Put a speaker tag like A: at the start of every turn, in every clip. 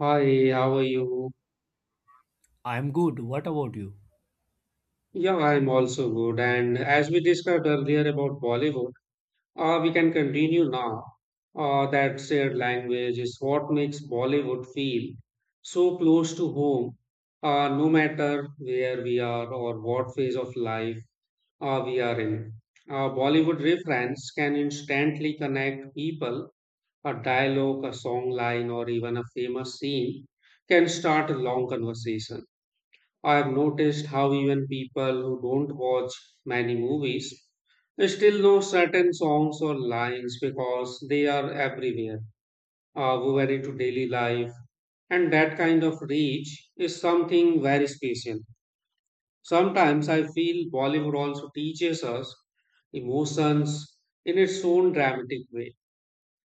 A: Hi, how are you?
B: I'm good. What about you?
A: Yeah, I'm also good. And as we discussed earlier about Bollywood, we can continue now. That shared language is what makes Bollywood feel so close to home, no matter where we are or what phase of life we are in. Bollywood reference can instantly connect people. A dialogue, a song line, or even a famous scene can start a long conversation. I've noticed how even people who don't watch many movies still know certain songs or lines because they are everywhere, woven into daily life, and that kind of reach is something very special. Sometimes I feel Bollywood also teaches us emotions in its own dramatic way.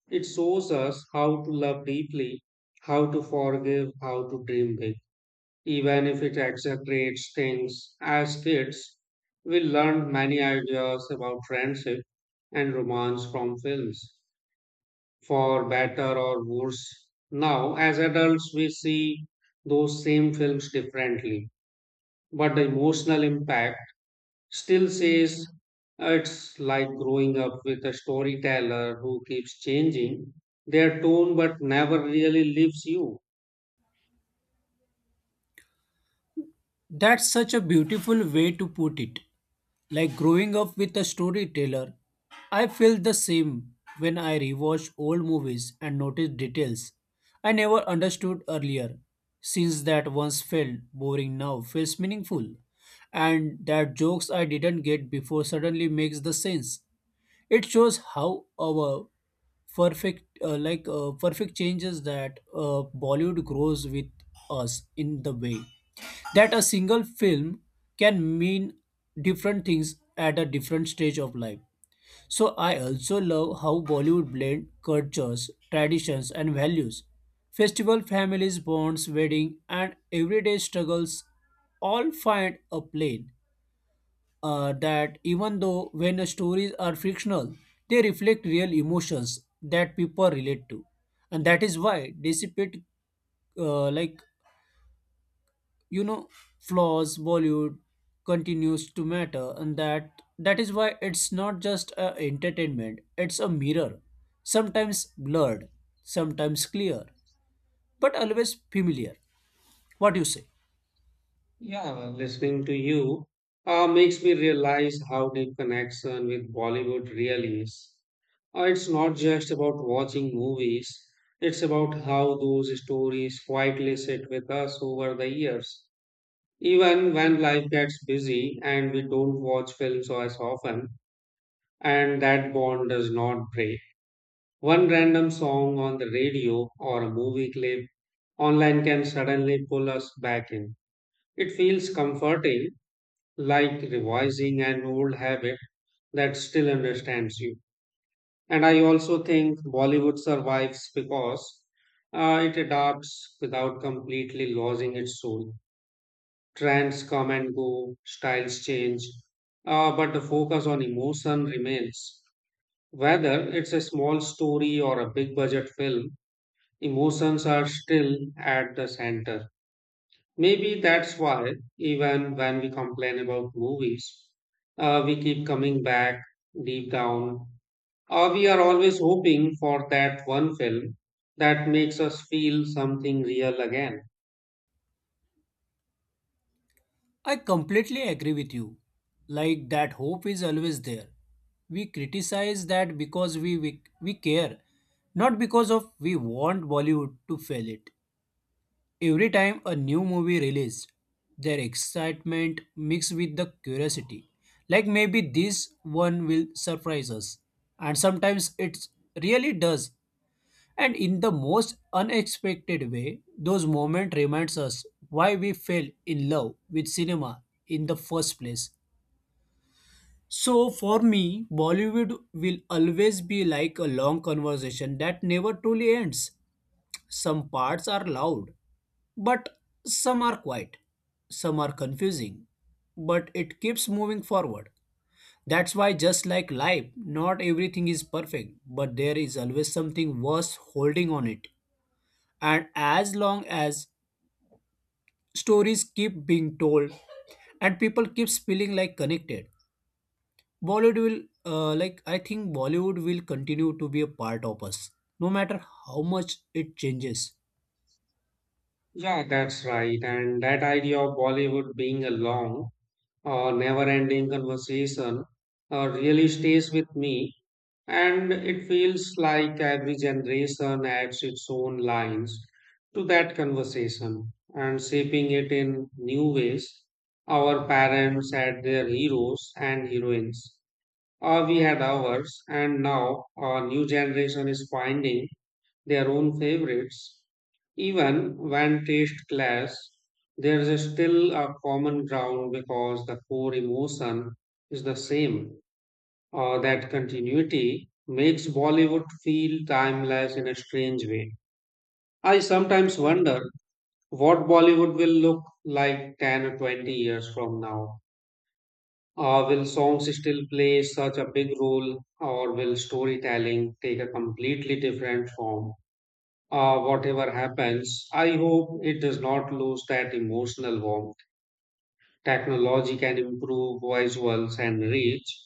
A: It shows us how to love deeply, how to forgive, how to dream big. Even if it exaggerates things, as kids, we learned many ideas about friendship and romance from films, for better or worse. Now, as adults, we see those same films differently, but the emotional impact still says it's like growing up with a storyteller who keeps changing their tone but never really leaves you.
B: That's such a beautiful way to put it. Like growing up with a storyteller, I felt the same when I rewatched old movies and noticed details I never understood earlier. Since that once felt boring now feels meaningful, and that jokes I didn't get before suddenly makes the sense. It shows how our perfect, perfect changes that Bollywood grows with us in the way that a single film can mean different things at a different stage of life. So I also love how Bollywood blend cultures, traditions, and values. Festival families, bonds, wedding, and everyday struggles all find a plane that even though when stories are fictional, they reflect real emotions that people relate to, and that is why dissipate uh, like you know flaws Bollywood continues to matter, and that is why it's not just a entertainment; it's a mirror, sometimes blurred, sometimes clear, but always familiar. What do you say?
A: Yeah, listening to you makes me realize how deep connection with Bollywood really is. It's not just about watching movies, it's about how those stories quietly sit with us over the years. Even when life gets busy and we don't watch films as often, and that bond does not break. One random song on the radio or a movie clip online can suddenly pull us back in. It feels comforting like revising an old habit that still understands you. And I also think Bollywood survives because it adapts without completely losing its soul. Trends come and go, styles change, but the focus on emotion remains. Whether it's a small story or a big budget film, emotions are still at the center. Maybe that's why, even when we complain about movies, we keep coming back deep down. We are always hoping for that one film that makes us feel something real again.
B: I completely agree with you. Like that hope is always there. We criticize that because we care, not because of we want Bollywood to fail it. Every time a new movie released, their excitement mixed with the curiosity. Like maybe this one will surprise us. And sometimes it really does. And in the most unexpected way, those moments reminds us why we fell in love with cinema in the first place. So for me, Bollywood will always be like a long conversation that never truly ends. Some parts are loud, but some are quiet. Some are confusing, but it keeps moving forward. That's why, just like life, not everything is perfect, but there is always something worth holding on it. And as long as stories keep being told and people keeps feeling like connected, Bollywood will I think Bollywood will continue to be a part of us no matter how much it changes.
A: Yeah, that's right. And that idea of Bollywood being a long or never ending conversation really stays with me. And it feels like every generation adds its own lines to that conversation and shaping it in new ways. Our parents had their heroes and heroines, or we had ours, and now our new generation is finding their own favorites. Even when taste clash, there is still a common ground because the core emotion is the same. That continuity makes Bollywood feel timeless in a strange way. I sometimes wonder what Bollywood will look like 10 or 20 years from now. Will songs still play such a big role, or will storytelling take a completely different form? Whatever happens, I hope it does not lose that emotional warmth. Technology can improve visuals and reach,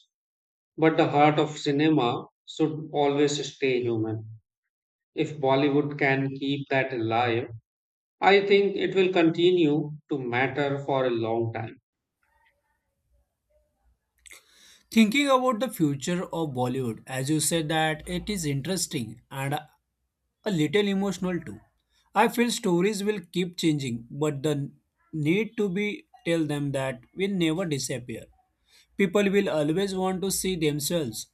A: but the heart of cinema should always stay human. If Bollywood can keep that alive, I think it will continue to matter for a long time.
B: Thinking about the future of Bollywood, as you said, that it is interesting and a little emotional too. I feel stories will keep changing, but the need to be tell them, that will never disappear. People will always want to see themselves.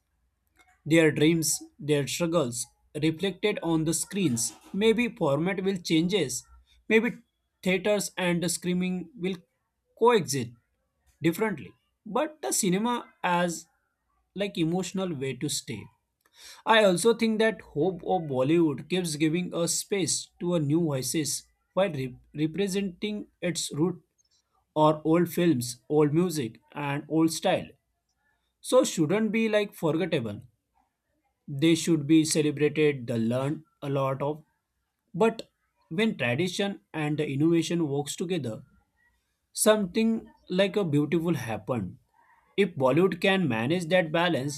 B: Their dreams, their struggles reflected on the screens. Maybe format will changes. Maybe theaters and the screaming will coexist differently. But the cinema as like emotional way to stay. I also think that hope of Bollywood keeps giving a space to a new voices while representing its root, or old films, old music, and old style. So shouldn't be like forgettable, they should be celebrated, they learn a lot of. But when tradition and the innovation works together, something like a beautiful happen. If Bollywood can manage that balance,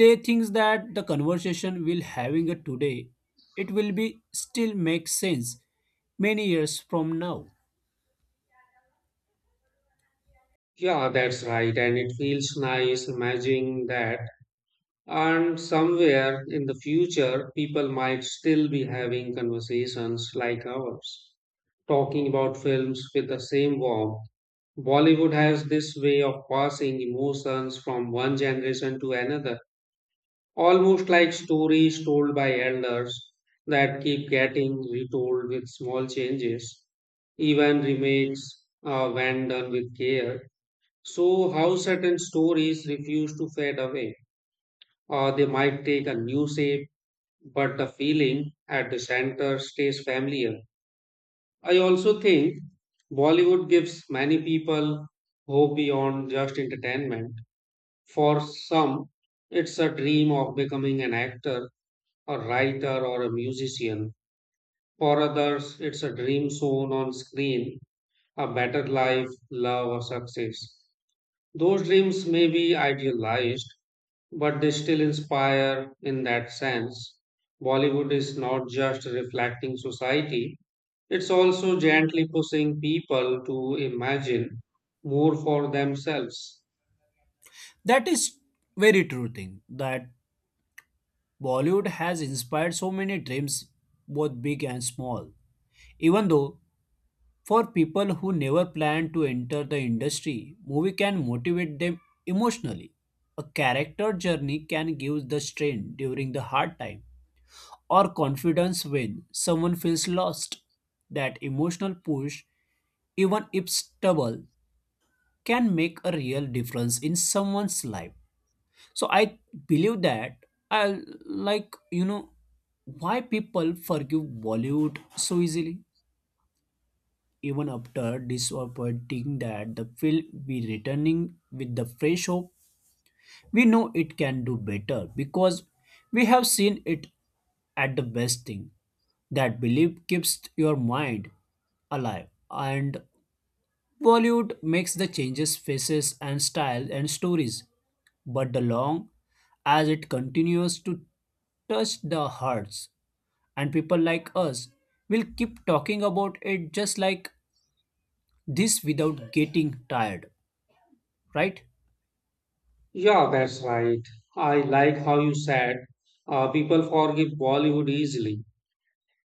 B: they think that the conversation we'll having it today, it will be still make sense many years from now.
A: Yeah, that's right. And it feels nice imagining that. And somewhere in the future, people might still be having conversations like ours, talking about films with the same warmth. Bollywood has this way of passing emotions from one generation to another. Almost like stories told by elders that keep getting retold with small changes, even remakes when done with care. So, how certain stories refuse to fade away, or they might take a new shape, but the feeling at the center stays familiar. I also think Bollywood gives many people hope beyond just entertainment. For some, it's a dream of becoming an actor, a writer or a musician. For others, it's a dream shown on screen, a better life, love, or success. Those dreams may be idealized, but they still inspire in that sense. Bollywood is not just reflecting society, it's also gently pushing people to imagine more for themselves.
B: That is very true thing, that Bollywood has inspired so many dreams, both big and small. Even though for people who never plan to enter the industry, movie can motivate them emotionally. A character journey can give the strength during the hard time, or confidence when someone feels lost. That emotional push, even if stubble, can make a real difference in someone's life. So I believe that I like you know why people forgive Bollywood so easily, even after disappointing that the film we returning with the fresh hope. We know it can do better because we have seen it at the best thing. That belief keeps your mind alive. And Bollywood makes the changes faces and style and stories, but the long as it continues to touch the hearts and people like us will keep talking about it just like this without getting tired, right?
A: Yeah, that's right. I like how you said people forgive Bollywood easily.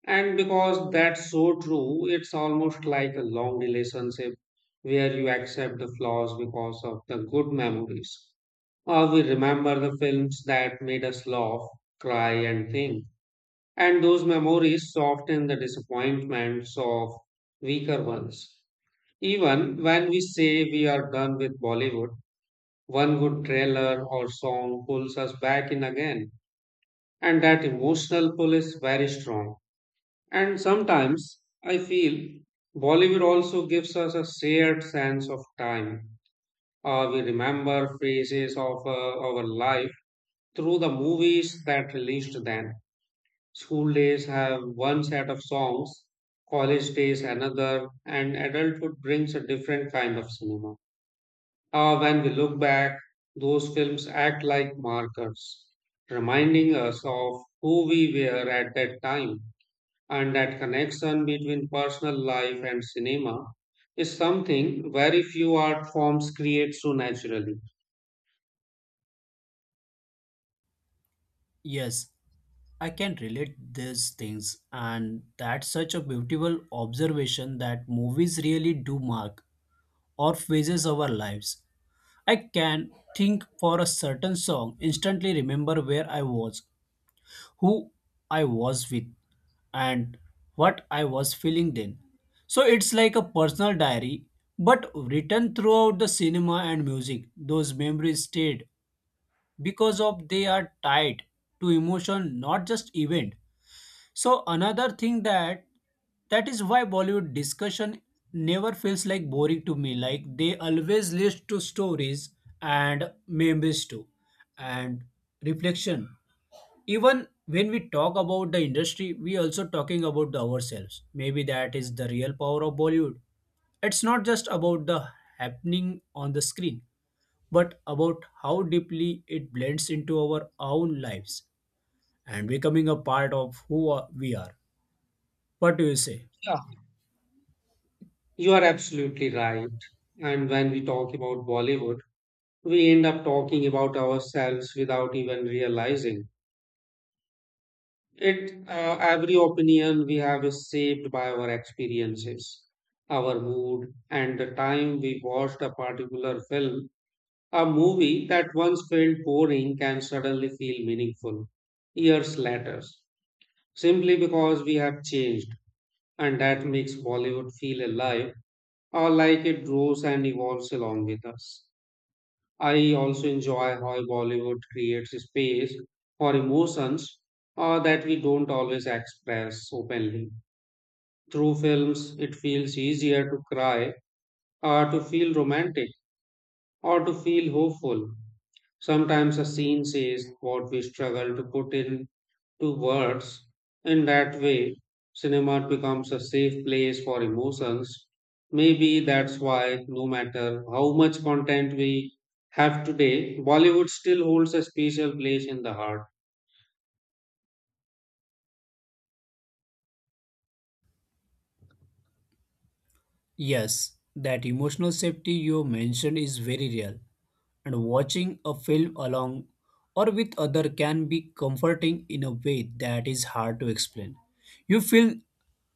A: And because that's so true, it's almost like a long relationship where you accept the flaws because of the good memories. Or we remember the films that made us laugh, cry, and think. And those memories soften the disappointments of weaker ones. Even when we say we are done with Bollywood, one good trailer or song pulls us back in again. And that emotional pull is very strong. And sometimes I feel Bollywood also gives us a shared sense of time. We remember phases of our life through the movies that released then. School days have one set of songs, college days another, and adulthood brings a different kind of cinema. When we look back, those films act like markers, reminding us of who we were at that time, and that connection between personal life and cinema is something very few art forms create so naturally.
B: Yes, I can relate these things, and that's such a beautiful observation that movies really do mark or phases our lives. I can think for a certain song, instantly remember where I was, who I was with, and what I was feeling then. So it's like a personal diary, but written throughout the cinema and music. Those memories stayed because of they are tied to emotion, not just event. So another thing, that that is why Bollywood discussion never feels like boring to me, like they always lead to stories and memories too, and reflection. Even when we talk about the industry, we also talking about the ourselves. Maybe that is the real power of Bollywood. It's not just about the happening on the screen, but about how deeply it blends into our own lives and becoming a part of who we are. What do you say?
A: Yeah, you are absolutely right. And when we talk about Bollywood, we end up talking about ourselves without even realizing it. Every opinion we have is shaped by our experiences, our mood, and the time we watched a particular film. A movie that once felt boring can suddenly feel meaningful years later, simply because we have changed, and that makes Bollywood feel alive or like it grows and evolves along with us. I also enjoy how Bollywood creates space for emotions that we don't always express openly. Through films, it feels easier to cry, or to feel romantic, or to feel hopeful. Sometimes a scene says what we struggle to put into words. In that way, cinema becomes a safe place for emotions. Maybe that's why, no matter how much content we have today, Bollywood still holds a special place in the heart.
B: Yes, that emotional safety you mentioned is very real, and watching a film along or with other can be comforting in a way that is hard to explain. You feel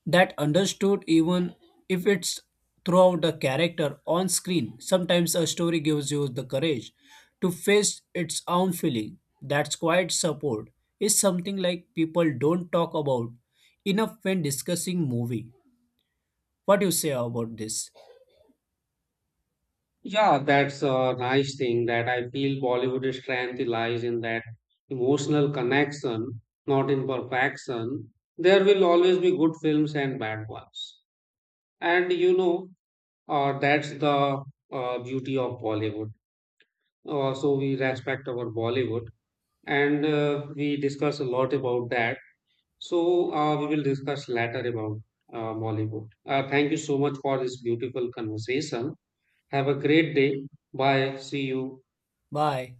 B: that understood even if it's throughout the character on screen. Sometimes a story gives you the courage to face its own feeling. That's quite support is something like people don't talk about enough when discussing movie. What do you say about this?
A: Yeah, that's a nice thing that I feel Bollywood's strength lies in that emotional connection, not in perfection. There will always be good films and bad ones. And you know, that's the beauty of Bollywood. So we respect our Bollywood and we discuss a lot about that. So we will discuss later about Bollywood. Thank you so much for this beautiful conversation. Have a great day. Bye. See you.
B: Bye.